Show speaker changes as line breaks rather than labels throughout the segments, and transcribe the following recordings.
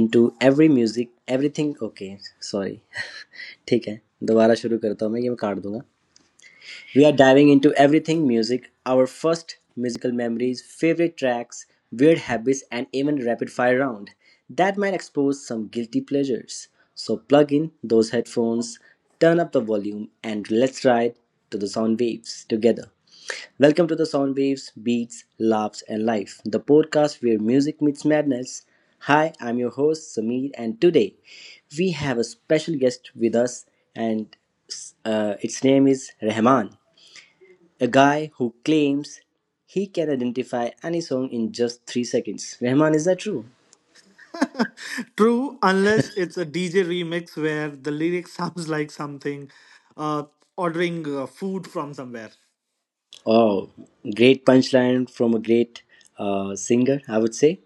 Into every music everything okay sorry ठीक है दोबारा शुरू करता हूँ मैं ये मैं काट दूंगा. We are diving into everything music, our first musical memories, favorite tracks, weird habits, and even rapid fire round that might expose some guilty pleasures. So plug in those headphones, turn up the volume, and let's ride to the sound waves together. Welcome to the Sound Waves, Beats, Laughs, and Life, the podcast where music meets madness. Hi, I'm your host Sameer, and today we have a special guest with us, and its name is Rahman. A guy who claims he can identify any song in just 3 seconds. Rahman, is that true?
True, unless it's a DJ remix where the lyric sounds like something uh, ordering food from somewhere.
Oh, great punchline from a great singer, I would say.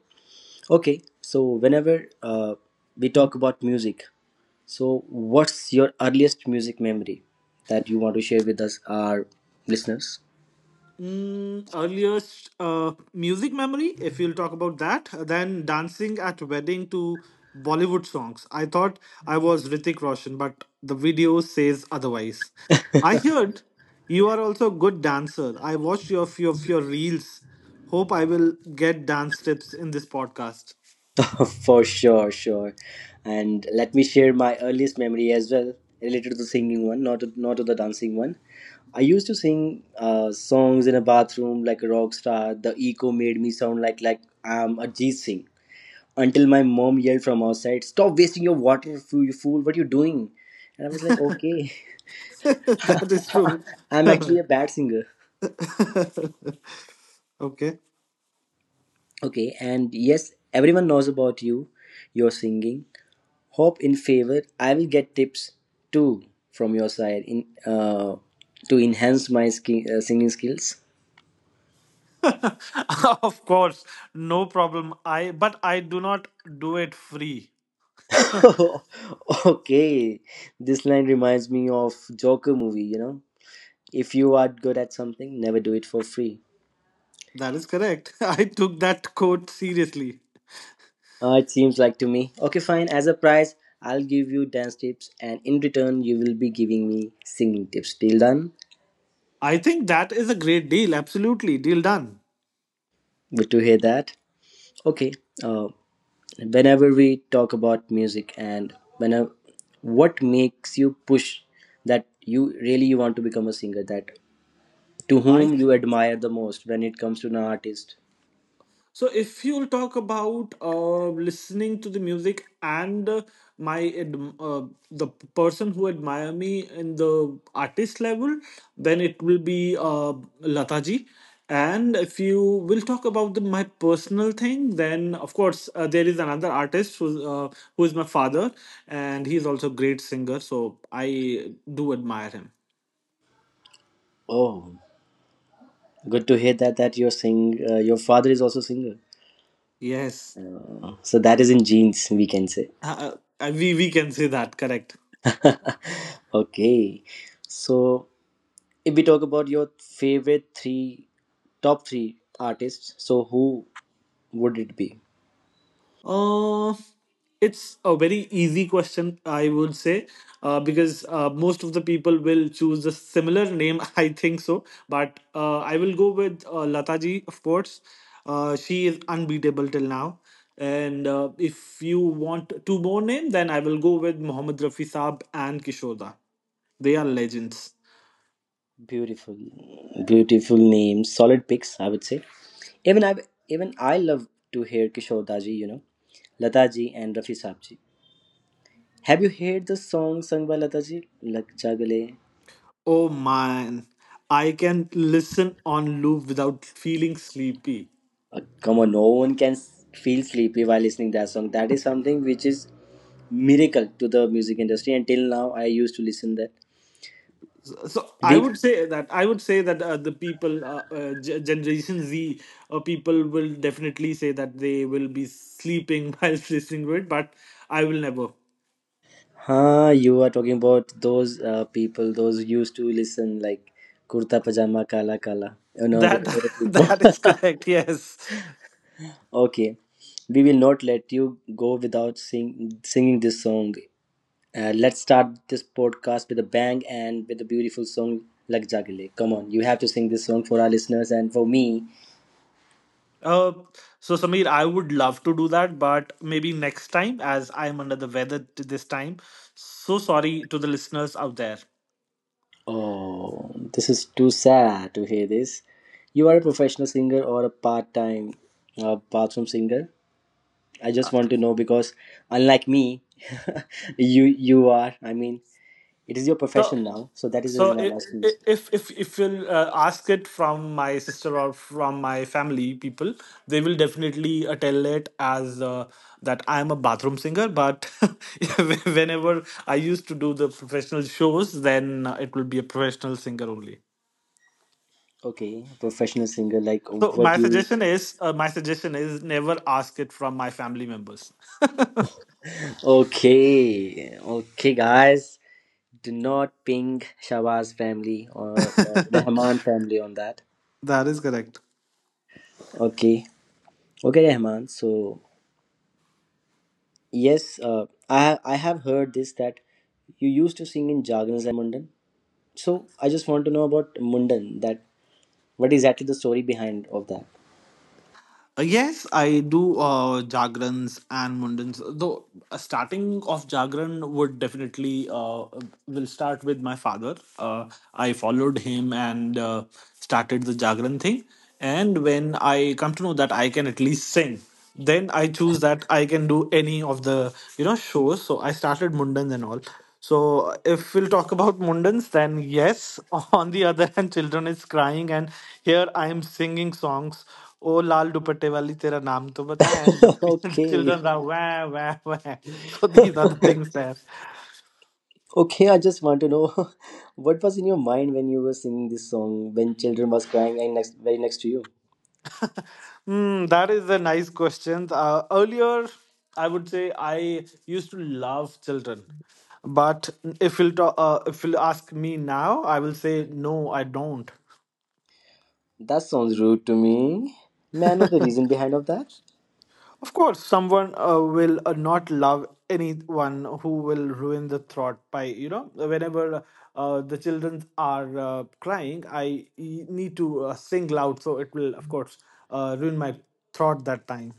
Okay, so whenever we talk about music, so what's your earliest music memory that you want to share with us, our listeners?
Earliest music memory, if you'll talk about that, then dancing at wedding to Bollywood songs. I thought I was Ritik Roshan, but the video says otherwise. I heard you are also a good dancer. I watched your few of your reels. Hope I will get dance tips in this podcast.
For sure, sure. And let me share my earliest memory as well, related to the singing one, not to the dancing one. I used to sing songs in a bathroom like a rock star. The echo made me sound like I'm a G Singh. Until my mom yelled from outside, "Stop wasting your water, fool! You fool! What are you doing?" And I was like, "Okay,
That is true.
I'm actually a bad singer."
Okay.
Okay, and yes, everyone knows about you, your singing. Hope in favor. I will get tips too from your side in to enhance my singing skills.
Of course, no problem. I but I do not do it free.
Okay, this line reminds me of Joker movie. You know, if you are good at something, never do it for free.
That is correct. I took that quote seriously.
It seems like to me. Okay, fine. As a prize, I'll give you dance tips, and in return, you will be giving me singing tips. Till done.
I think that is a great deal. Absolutely, deal done.
Good to hear that. Okay. Uh, whenever we talk about music and whenever what makes you push that you want to become a singer, that to
I.
whom you admire the most when it comes to an artist.
So, if you'll talk about listening to the music and my ad the p- person who admire me in the artist level, then it will be Lataji. And if you will talk about the, my personal thing, then of course there is another artist who is my father, and he's also a great singer. So I do admire him.
Oh, good to hear that you're sing your father is also singer.
Yes,
So that is in genes, we can say.
uh, we can say that. Correct.
Okay, so if we talk about your favorite three top three artists, so who would it be?
Uh, it's a very easy question, I would say, because most of the people will choose a similar name, I think so. But I will go with Lata ji, of course. She is unbeatable till now. And if you want two more names, then I will go with Mohammad Rafi Saab and Kishoda. They are legends.
Beautiful, beautiful name. Solid picks, I would say. Even I, even I love to hear Kishore Daji. You know, Lata ji and Rafi Saab ji. Have you heard the song sung by Lata ji? Lag Ja Gale?
Oh man, I can listen on loop without feeling sleepy.
Come on, no one can feel sleepy while listening that song. That is something which is miracle to the music industry. And till now, I used to listen that.
So I
We
would say that I would say that the people G- generation z people will definitely say that they will be sleeping while listening to it, but I will never
Huh, you are talking about those people, those used to listen like kurta pajama kala kala. You know,
that.
people.
That is correct. Yes,
Okay, we will not let you go without singing this song. Let's start this podcast with a bang and with a beautiful song like Jagile. Come on, you have to sing this song for our listeners and for me.
uh, so Samir, I would love to do that, but maybe next time as I am under the weather this time. So sorry to the listeners out there.
Oh, this is too sad to hear this. You are a professional singer or a part time bathroom singer, I
Uh,
just want to know because unlike me, you are. I mean, it is your
so
profession now, so that is the
so
reason I'm
if
asking.
if if, if you'll ask it from my sister or from my family people, they will definitely tell it as that I am a bathroom singer. But whenever I used to do the professional shows, then it will be a professional singer only.
Okay, professional singer. Like,
So
what
my
do you?
suggestion is, never ask it from my family members.
Okay, okay, guys. Do not ping Shahbaz family or Rahman family on that.
That is correct.
Okay, okay, Rahman. So yes, I have heard this that you used to sing in Jagrans and Mundan. So I just want to know about Mundan. That what exactly the story behind of that?
Yes, I do Jagrans and Mundans. Though starting off Jagran would definitely will start with my father. I followed him and started the Jagran thing. And when I come to know that I can at least sing, then I choose that I can do any of the shows. So I started Mundans and all. So if we'll talk about Mundans, then yes. On the other hand, children is crying, and here I am singing songs. Oh Lal Dupatte wali tera naam to bata, and the
Okay.
children are wah wah wah. So these are the things there.
Okay, I just want to know what was in your mind when you were singing this song when children was crying and next very next to you.
That is a nice question. Earlier, I would say I used to love children. But if you'll talk, if you'll ask me now, I will say no, I don't.
That sounds rude to me. May I know the reason behind of that?
Of course, someone will not love anyone who will ruin the thought by, whenever the children are crying, I need to sing loud. So it will, of course, ruin my thought that time.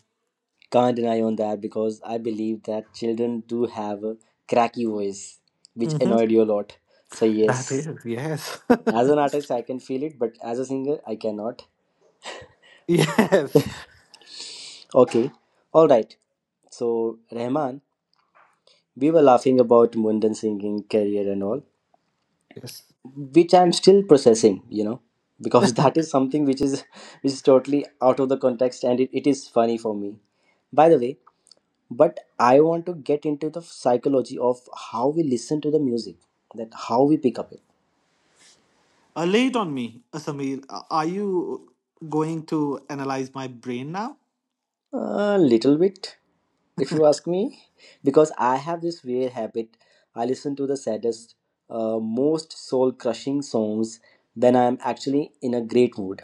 Can't deny on that because I believe that children do have a cracky voice, which
hmm
annoyed you a lot. So
That
yes,
is, yes.
as an artist I can feel it, but as a singer I cannot.
Yes.
Okay, all right. So Rahman, we were laughing about Mundan singing career and all,
Yes.
which I'm still processing, you know, because that is something which is which is totally out of the context and it is funny for me, by the way. But I want to get into the psychology of how we listen to the music, that how we pick up it
Lay it on me, Samir. Are you going to analyze my brain now?
a little bit, if you ask me, because I have this weird habit. I listen to the saddest most soul crushing songs when I'm actually in a great mood.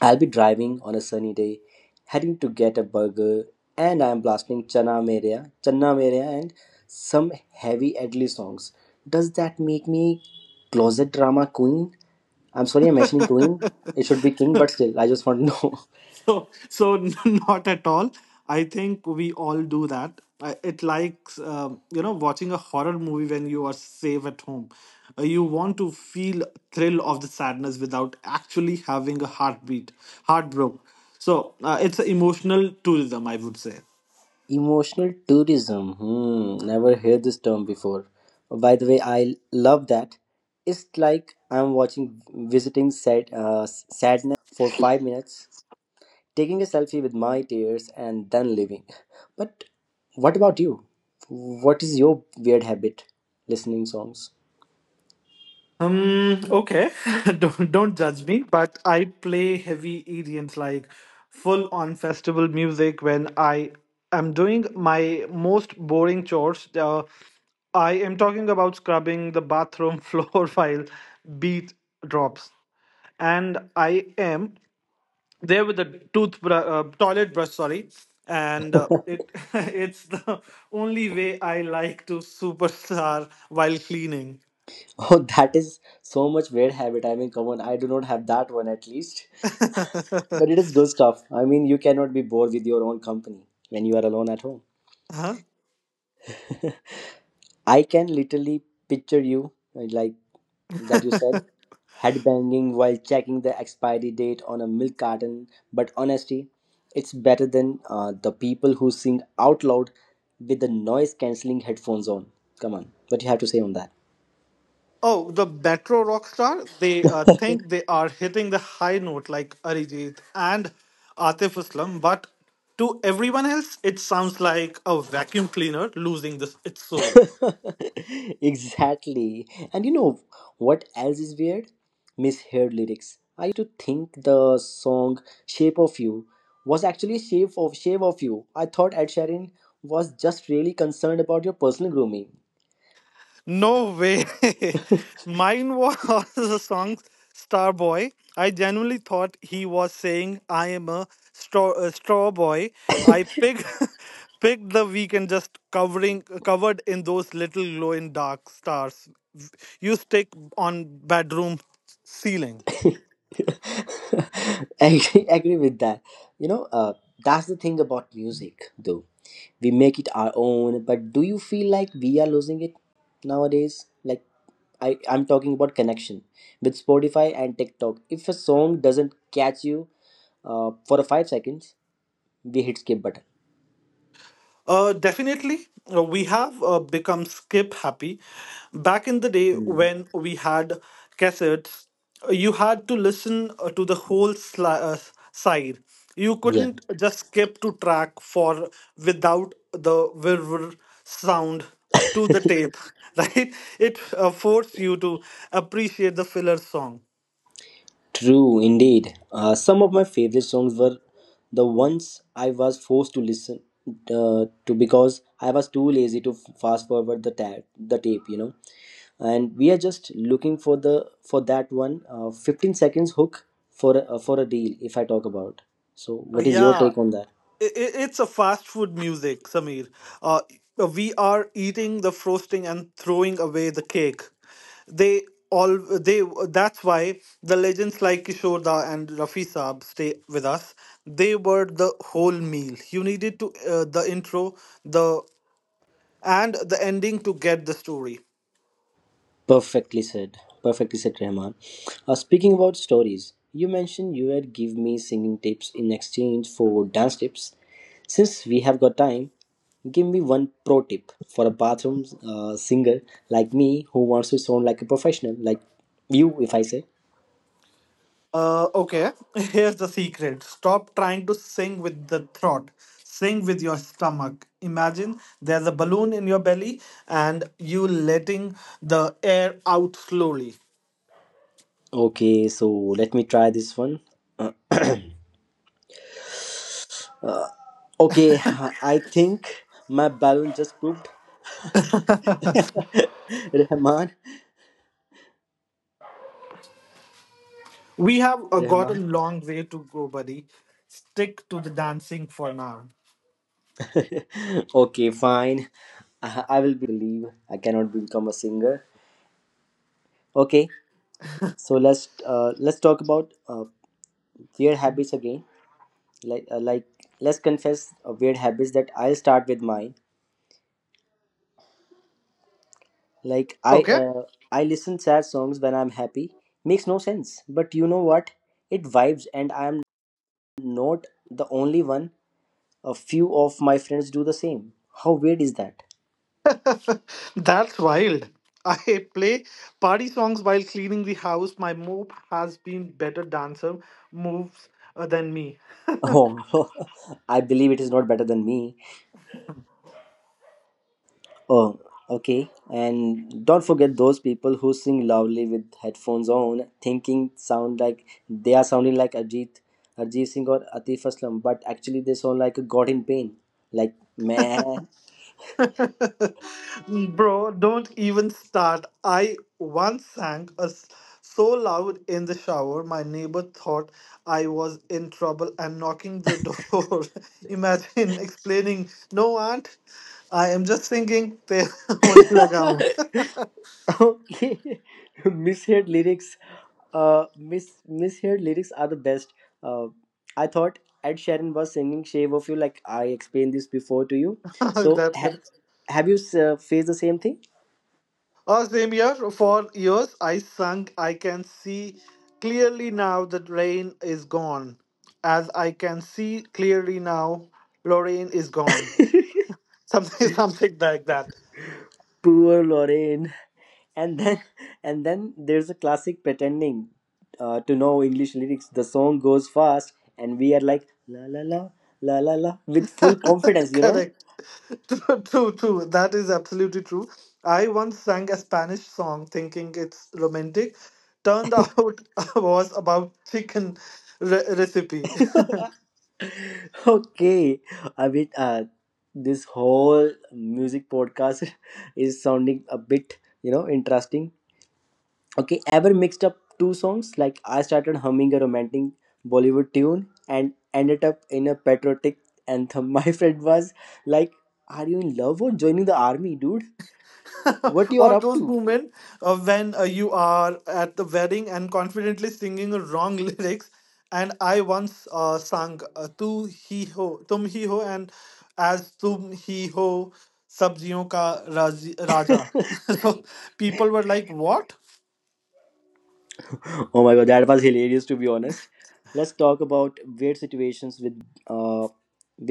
I'll be driving on a sunny day, heading to get a burger, and I'm blasting Chana Meria, Channa Meria, and some heavy Adli songs. Does that make me closet drama queen? I'm sorry, I'm mentioning queen. It should be king, but still, I just want to know.
so so Not at all, I think we all do that. It likes watching a horror movie when you are safe at home. You want to feel thrill of the sadness without actually having a heartbeat heartbroken. So it's an emotional tourism, I would say.
Emotional tourism. Hmm, never heard this term before. By the way, I love that. It's like I'm watching, visiting sadness land for 5 minutes, taking a selfie with my tears and then leaving. But what about you? What is your weird habit? Listening songs.
Okay. Don't judge me, but I play heavy EDMs like full on festival music when I am doing my most boring chores. I am talking about scrubbing the bathroom floor while beat drops. And I am there with a toothbrush, toilet brush, sorry. And it it's the only way I like to superstar while cleaning.
Oh, that is so much weird habit. I mean, come on, I do not have that one at least. But it is good stuff. I mean, you cannot be bored with your own company when you are alone at home.
Huh.
I can literally picture you like that, you said headbanging while checking the expiry date on a milk carton, but honestly it's better than the people who sing out loud with the noise cancelling headphones on. Come on, what you have to say on that?
Oh, the Metro rock star. They think they are hitting the high note like Arijit and Atif Aslam, but to everyone else, it sounds like a vacuum cleaner losing its soul.
Exactly. And you know what else is weird? Misheard lyrics. I used to think the song Shape of You was actually shape of Shave of You. I thought Ed Sheeran was just really concerned about your personal grooming.
No way. Mine was the song Starboy. I genuinely thought he was saying, I am a straw boy. I picked, picked the weekend just covering covered in those little glow in dark stars you stick on bedroom ceiling.
Agree, agree with that. You know, uh, that's the thing about music, though. We make it our own, but do you feel like we are losing it nowadays? Like, I'm talking about connection with Spotify and TikTok. If a song doesn't catch you for 5 seconds, we hit skip button.
Definitely, we have become skip happy. Back in the day
Hmm.
when we had cassettes, you had to listen to the whole side. You couldn't just skip to track for without the whir sound to the tape, right? It forced you to appreciate the filler song.
True, indeed. Some of my favorite songs were the ones I was forced to listen to because I was too lazy to fast forward the tape, you know. And we are just looking for the for that one 15 seconds hook for a deal. If I talk about, so what is your
Yeah,
take on that?
i- I- i-t's a fast food music, Samir. Uh, we are eating the frosting and throwing away the cake. They all they that's why the legends like Kishore Da and Rafi Saab stay with us. They were the whole meal. You needed to the intro, the and the ending to get the story.
Perfectly said. Perfectly said, Rahman. Speaking about stories, you mentioned you would give me singing tips in exchange for dance tips. Since we have got time, give me one pro tip for a bathroom singer like me who wants to sound like a professional, like you, if I say.
Okay, here's the secret. Stop trying to sing with the throat. Sing with your stomach. Imagine there's a balloon in your belly and you letting the air out slowly.
Okay, so let me try this one. Uh, uh, okay, I think my balloon just pooped. Rahman,
We have got a
Rahman.
long way to go, buddy. Stick to the dancing for now.
Okay, fine. I will be a dancer, I believe. I cannot become a singer. Okay, so let's talk about weird habits again. Like let's confess weird habits that I'll start with mine. Like I
Okay,
uh, I listen sad songs when I'm happy. Makes no sense, but you know what? It vibes, and I'm not the only one. A few of my friends do the same. How weird is that?
that's wild. I play party songs while cleaning the house. My mop has been better dancer moves than me.
Oh, I believe it is not better than me. Oh, okay. And don't forget those people who sing loudly with headphones on, thinking sound like they are sounding like Ajit Singh or Atif Aslam, but actually they sound like a god in pain. Like man.
Bro, don't even start. I once sang a so loud in the shower, my neighbor thought I was in trouble and knocking the door. Imagine explaining, "No, aunt, I am just singing." Pe hone laga
Okay, misheard lyrics. Misheard lyrics are the best. Uh, I thought Ed Sheeran was singing "Shape of You", like I explained this before to you.
hoon."
So
That's it.
have you faced the same thing?
Oh, same here. For years, I sung. I can see clearly now that rain is gone. As I can see clearly now, Lorraine is gone. Something Something like that.
Poor Lorraine. And then and then there's a classic pretending to know english lyrics. The song goes fast and we are like la la la la la la with full confidence.
Correct. True, true. That is absolutely true. I once sang a Spanish song thinking it's romantic, turned out was about chicken recipe.
Okay, I mean this whole music podcast is sounding a bit interesting. Okay, ever mixed up two songs? Like, I started humming a romantic bollywood tune and ended up in a patriotic anthem. My friend was like, are you in love or joining the army, dude, what you are
Or
up
those
to?
moments when you are at the wedding and confidently singing wrong lyrics. And I once sang "Tu Hi Ho," "Tum Hi Ho," and "As Tum Hi Ho," "Sabziyon Ka Raja." So people were like, "What?"
Oh my god, that was hilarious. To be honest, let's talk about weird situations uh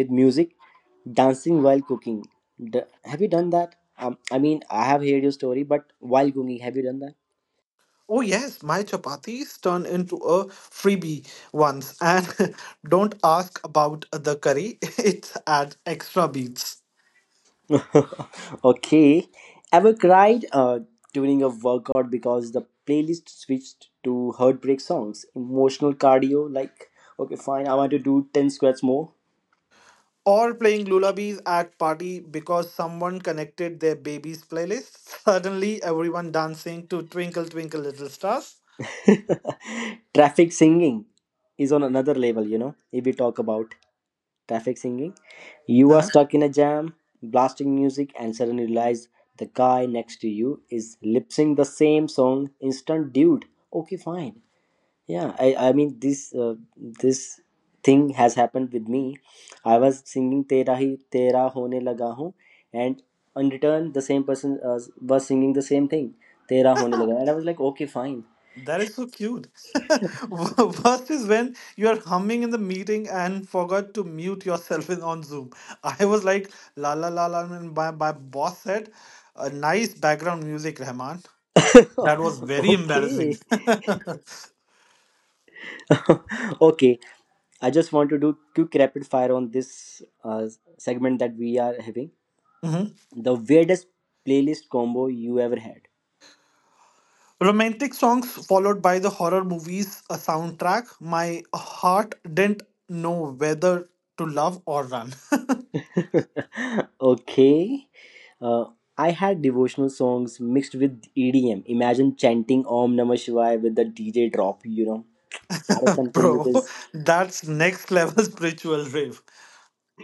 with music. Dancing while cooking, have you done that? I mean, I have heard your story, but while cooking have you done that?
Oh yes, my chapatis turned into a freebie once, and don't ask about the curry; it adds extra beats.
Okay. Ever cried during a workout because the playlist switched to heartbreak songs, emotional cardio? Like, okay, fine, I want to do 10 squats more.
Or playing lullabies at party because someone connected their baby's playlist. Suddenly, everyone dancing to Twinkle Twinkle Little Stars.
Traffic singing is on another level, if we talk about traffic singing. You are
Uh-huh.
stuck in a jam, blasting music, and suddenly realize the guy next to you is lip sync the same song, instant dude. Okay, fine. Yeah, I mean this thing has happened with me. I was singing tera hi tera hone laga hu, and in return the same person was singing the same thing tera hone laga, and I was like, okay, fine.
That is so cute. Worst is when you are humming in the meeting and forgot to mute yourself in on Zoom. I was like, la la la la, and my boss said, a nice background music, Rahman. That was very embarrassing.
Okay. Okay, I just want to do quick rapid fire on this uh, segment that we are having.
Mhm.
The weirdest playlist combo you ever had?
Romantic songs followed by the horror movies a soundtrack. My heart didn't know whether to love or run.
Okay. Uh, I had devotional songs mixed with EDM. Imagine chanting Om Namah Shivaya with the DJ drop. That is something which
Bro,
is.
that's next level spiritual rave.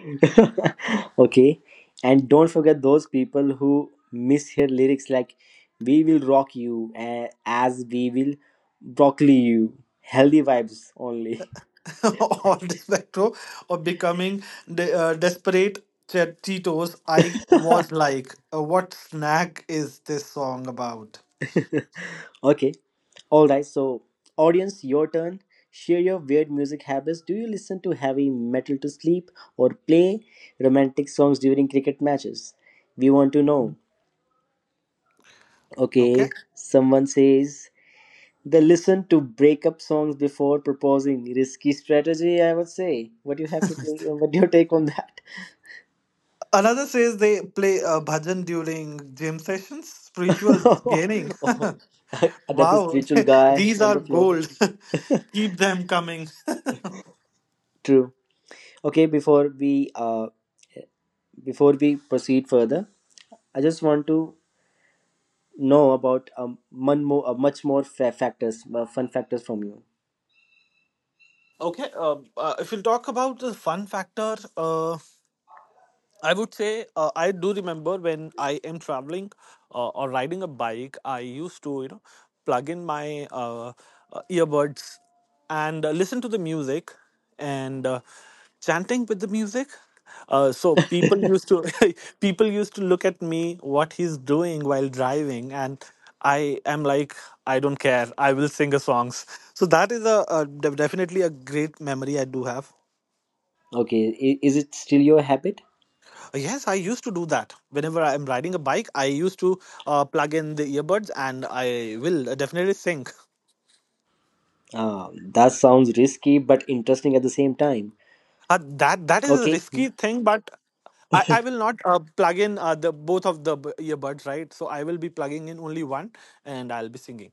Okay. And don't forget those people who mishear lyrics like, we will rock you as we will broccoli you. Healthy vibes only.
Or the spectro of becoming desperate Cheetos. I was like, what snack is this song about?
Okay. All right. So, audience, your turn. Share your weird music habits. Do you listen to heavy metal to sleep or play romantic songs during cricket matches? We want to know. Okay.
Okay.
Someone says they listen to breakup songs before proposing. Risky strategy, I would say. What do you have to take? What do you take on that?
Another says they play bhajan during gym sessions. Spiritual gaining.
Oh, another
Wow,
spiritual guy
these
on
are
the floor.
gold. Keep them coming.
True. Okay. Before we proceed further, I just want to know about much more fun factors from you.
Okay, if we'll talk about the fun factor, I would say I do remember when I am traveling or riding a bike, I used to plug in my earbuds and listen to the music and chanting with the music. So people used to people used to look at me what he's doing while driving, and I am like I don't care. I will sing a songs. So that is a definitely a great memory I do have.
Okay, is it still your habit?
Yes, I used to do that. Whenever I'm riding a bike, I used to plug in the earbuds, and I will definitely sync.
Uh, that sounds risky but interesting at the same time.
That is a
Okay,
risky thing, but I will not plug in the both of the earbuds, right? So I will be plugging in only one, and I'll be singing.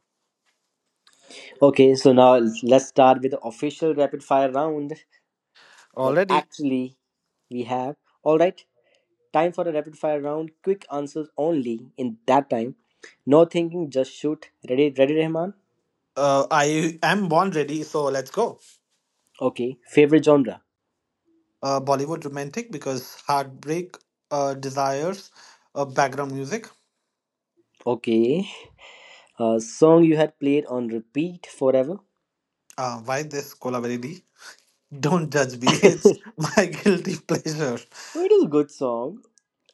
okay. So now let's start with the official rapid fire round that
Already,
actually we have. All right, time for a rapid fire round. Quick answers only in that time. No thinking, just shoot. Ready, ready, Rahman?
I am born ready. So let's go.
Okay. Favorite genre?
Bollywood romantic because heartbreak desires background music.
Okay. Song you had played on repeat forever?
Why this Kolaveri? Don't judge me. It's my guilty pleasure.
No, it is a good song.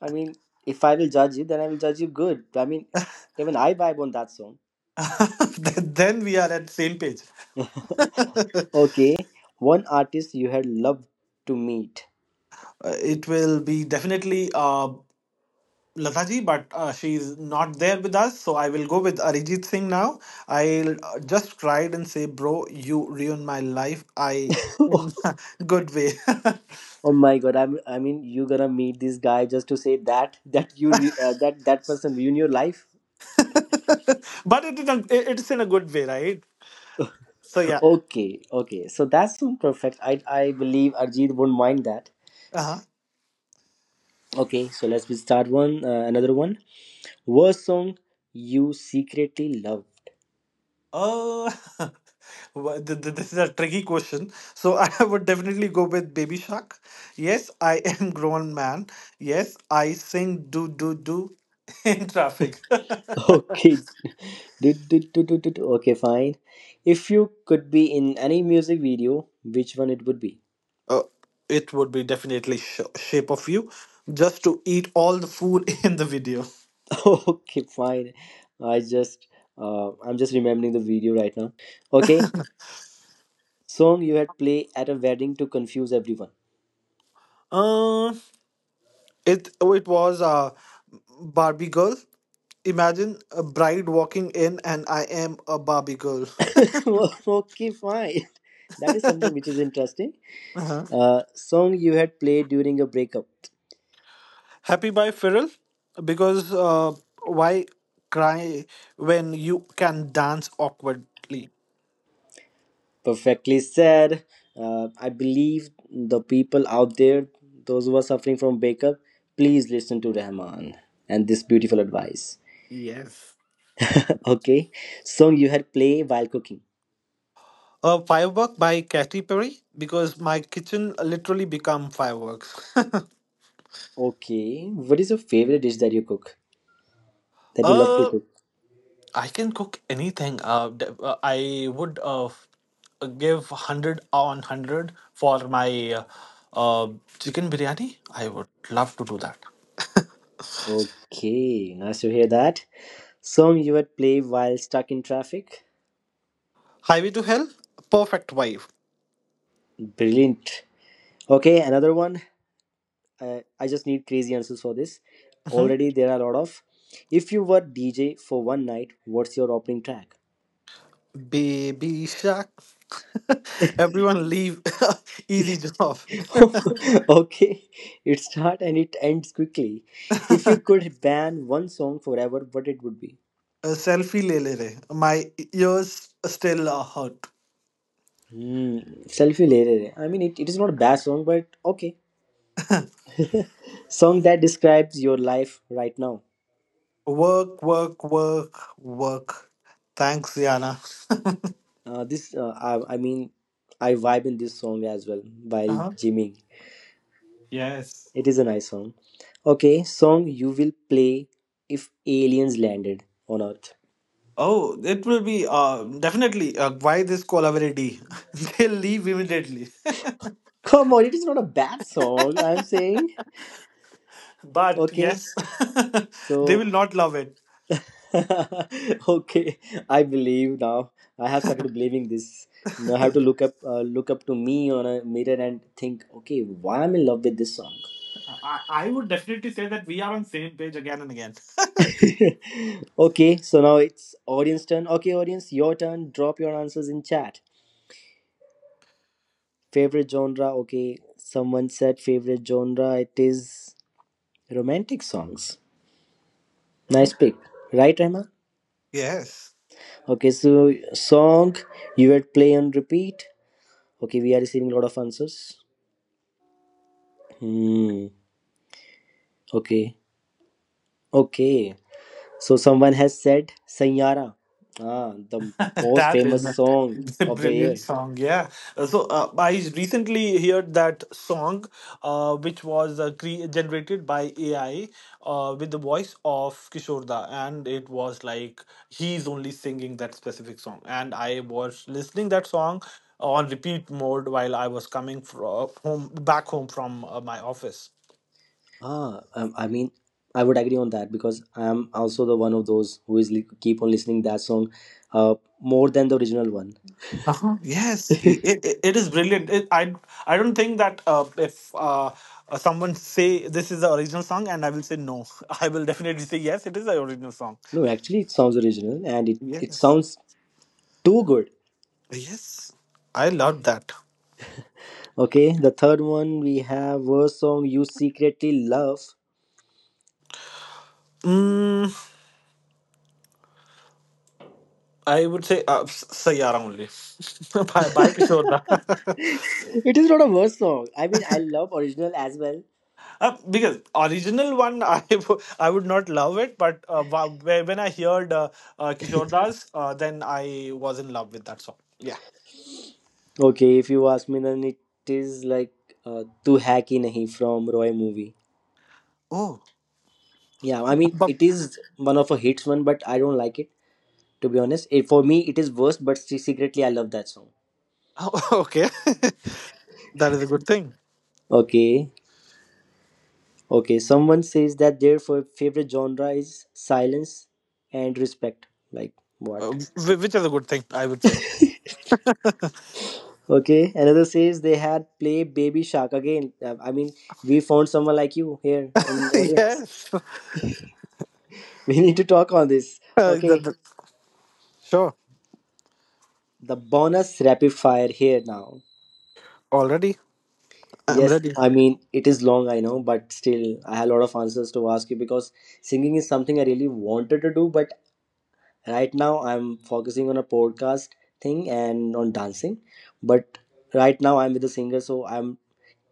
I mean, if I will judge you, then I will judge you good. I mean, even I vibe on that song.
Then we are at same page.
Okay, one artist you had loved to meet.
It will be definitely Lataji, but she's not there with us. So I will go with Arijit Singh now. I'll just cried and say, bro, you ruined my life. I in
Oh
good way,
my god! I mean, you gonna meet this guy just to say that that person ruin your life.
but it, is it's in a good way, right? So yeah.
Okay, okay. So that's so perfect. I believe Arjit won't mind that.
Uh-huh.
Okay, so let's be start one another one. Worst song you secretly love.
Oh, This is a tricky question. So I would definitely go with Baby Shark. Yes, I am grown man. Yes, I sing do do do in traffic.
Okay, do, do, do, do, do, do. Okay, fine. If you could be in any music video, which one it would be?
Uh, it would be definitely sh Shape of You, just to eat all the food in the video.
Okay, fine. I just, I'm just remembering the video right now. Okay, song you had play at a wedding to confuse everyone.
Uh, it oh, it was a Barbie girl. Imagine a bride walking in, and I am a Barbie girl.
Okay, fine. That is something which is interesting. Song you had played during a breakup.
Happy by Feral because why cry when you can dance awkwardly?
Perfectly said. I believe the people out there, those who are suffering from breakup, please listen to Rahman and this beautiful advice.
Yes.
Okay, song you had play while cooking.
A firework by Katy Perry because my kitchen literally become fireworks.
Okay, what is your favorite dish that you cook, that you love to
uh,
cook?
I can cook anything. I would give 100 on 100 for my uh, uh, chicken biryani. I would love to do that.
Okay, nice to hear that. Song you had play while stuck in traffic.
Highway to Hell, perfect wife.
Brilliant. Okay, another one. I just need crazy answers for this.
Mm-hmm.
Already there are a lot of, if you were DJ for one night, what's your opening track?
Baby Shark. Everyone leave easy job.
Okay, it starts and it ends quickly. If you could ban one song forever, what it would be?
A selfie le le re. My ears still are hurt.
Hmm. Selfie le Re Re. I mean, it is not a bad song, but okay. Song that describes your life right now,
Work, work, work, work. Thanks, Yana.
this I mean I vibe in this song as well by
Uh-huh.
Jimmy.
Yes.
It is a nice song. Okay, song you will play if aliens landed on Earth.
Oh, it will be definitely why this collaborate. They'll leave immediately.
Come on, it is not a bad song, I'm saying.
But
Okay,
yes, they
so.
will not love it.
Okay, I believe now. I have started believing this. Now I have to look up to me on a mirror and think, okay, why I'm in love with this song?
I would definitely say that we are on same page again and again.
Okay, so now it's audience turn. Okay, audience, your turn. Drop your answers in chat. Favorite genre? Okay, someone said favorite genre. It is Romantic songs. Nice
Hmm.
pick. Right, Rehma?
Yes,
Okay, so song you would play on repeat. Okay, we are receiving a lot of answers. Hmm. Okay. Okay. So someone has said Sanyara. Ah, the most
that is
famous song
a
of the
brilliant
year.
song. Yeah. So I recently heard that song, which was generated by AI with the voice of Kishorda, and it was like he's only singing that specific song. And I was listening that song on repeat mode while I was coming from home back home from my office.
Ah, I mean, I would agree on that because I am also the one of those who is keep on listening that song, more than the original one.
Uh-huh. Yes, it, it, it is brilliant. I don't think that if someone say this is the original song and I will say no, I will definitely say yes. It is the original song.
No, actually, it sounds original and it
Yes,
sounds too good.
yes, I love that.
Okay, the third one we have, worst song you secretly love.
Mm, I would say Sayara only by Kishore Da.
It is not a worst song. I mean, I love original as well.
Because original one I would not love it, but when I heard Kishore Das, then I was in love with that song. Yeah.
Okay, if you ask me, then it is like "Tu Hai Ki Nahi" from Roy movie. Yeah, I mean,
Oh.
it is one of a hits one, but I don't like it to be honest. It, for me, it is worst, but secretly I love that song.
Oh, okay, that is a good thing.
Okay, okay. Someone says that their favorite genre is silence and respect. Like what?
Which is a good thing, I would say.
Okay, another says they had play Baby Shark again. I mean, we found someone like you here in the audience.
Yes,
We need to talk on this.
that,
Okay,
that- sure.
the bonus rapid fire here now.
Already, I'm
Yes,
ready.
I mean, it is long, I know, but still, I have a lot of answers to ask you because singing is something I really wanted to do, but right now I'm focusing on a podcast thing and on dancing. But right now I'm with a singer, so I'm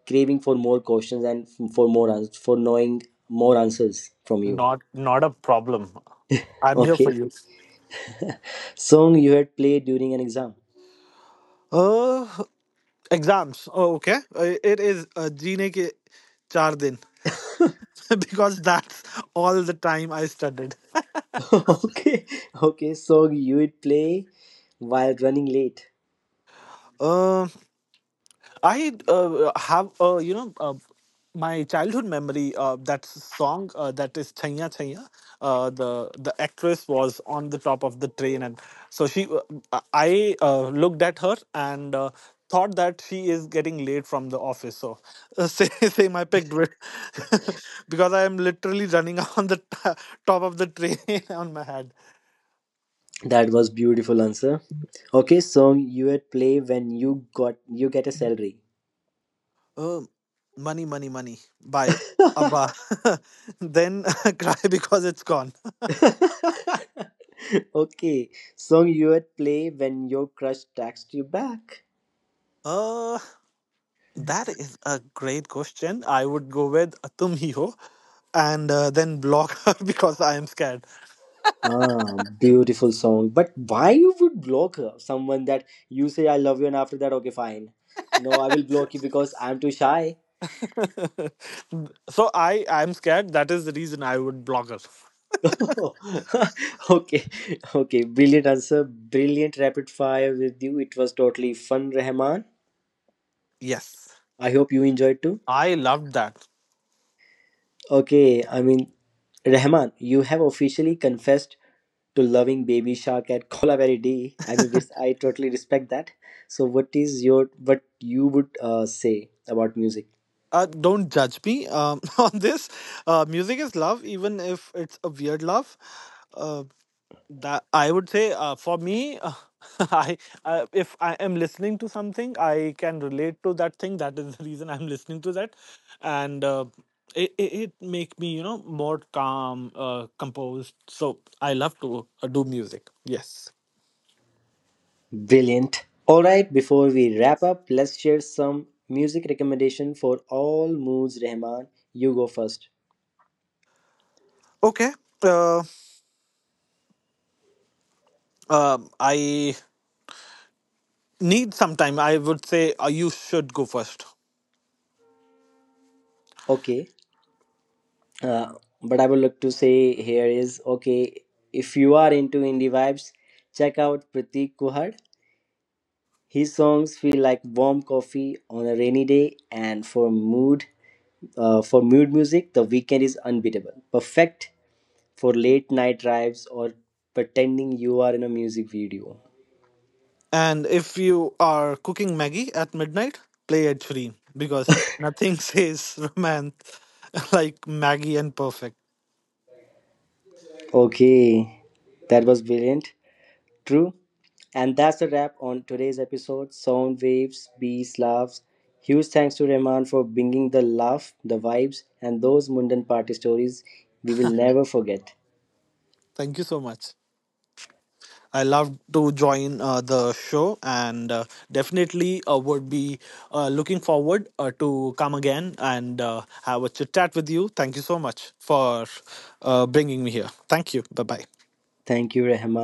craving for more questions and for more for knowing more answers from you.
Not a problem. I'm here for
Okay,
you.
song you had played during an exam.
Uh, exams. Oh, okay. It is जीने के चार दिन because that's all the time I studied.
Okay, okay, song you would play while running late.
Um, I have, my childhood memory. That song that is Chaya Chaya. The actress was on the top of the train, and so she. I looked at her and thought that she is getting late from the office. So, same I picked with because I am literally running on the top of the train on my head.
That was beautiful answer. Okay, song you would play when you get a salary.
Um, money, money, money by Abba. Then cry because it's gone.
Okay, song you would play when your crush texts you back.
Uh, that is a great question. I would go with Tum Hi Ho and then block her because I am scared.
Ah, beautiful song. But why you would block her? Someone that you say I love you, and after that, okay, fine. No, I will block you because I'm too shy.
I am scared. That is the reason I would block her.
Okay, okay, brilliant answer, brilliant rapid fire with you. It was totally fun, Rahman.
Yes,
I hope you enjoyed too.
I loved that.
Okay, I mean, Rahman, you have officially confessed to loving Baby Shark at Kola Berry D. I mean, this I totally respect that. So, what you would say about music?
Don't judge me on this. Music is love, even if it's a weird love. Uh. That I would say for me, I if I am listening to something, I can relate to that thing. That is the reason I'm listening to that, and it make me you know more calm, composed. So I love to do music. Yes.
Brilliant. All right, before we wrap up, let's share some music recommendation for all moods. Rahman, you go first.
Okay. Uh, I need some time. I would say you should go first.
Okay. Uh, but I would like to say here is okay. If you are into indie vibes, check out Pratik Kuhad. His songs feel like warm coffee on a rainy day, and for mood music, the weekend is unbeatable. Perfect for late night drives or pretending you are in a music video.
And if you are cooking Maggie at midnight, play Ed Sheeran because nothing says romance like Maggie and Perfect.
Okay, that was brilliant. True. And that's a wrap on today's episode Sound Waves, Bees, Laughs. Huge thanks to Rahman for bringing the laugh, the vibes, and those Mundan party stories we will never forget.
Thank you so much. I love to join the show and definitely would be looking forward to come again and have a chit chat with you. Thank you so much for bringing me here. Thank you. Bye bye.
Thank you, Rahman.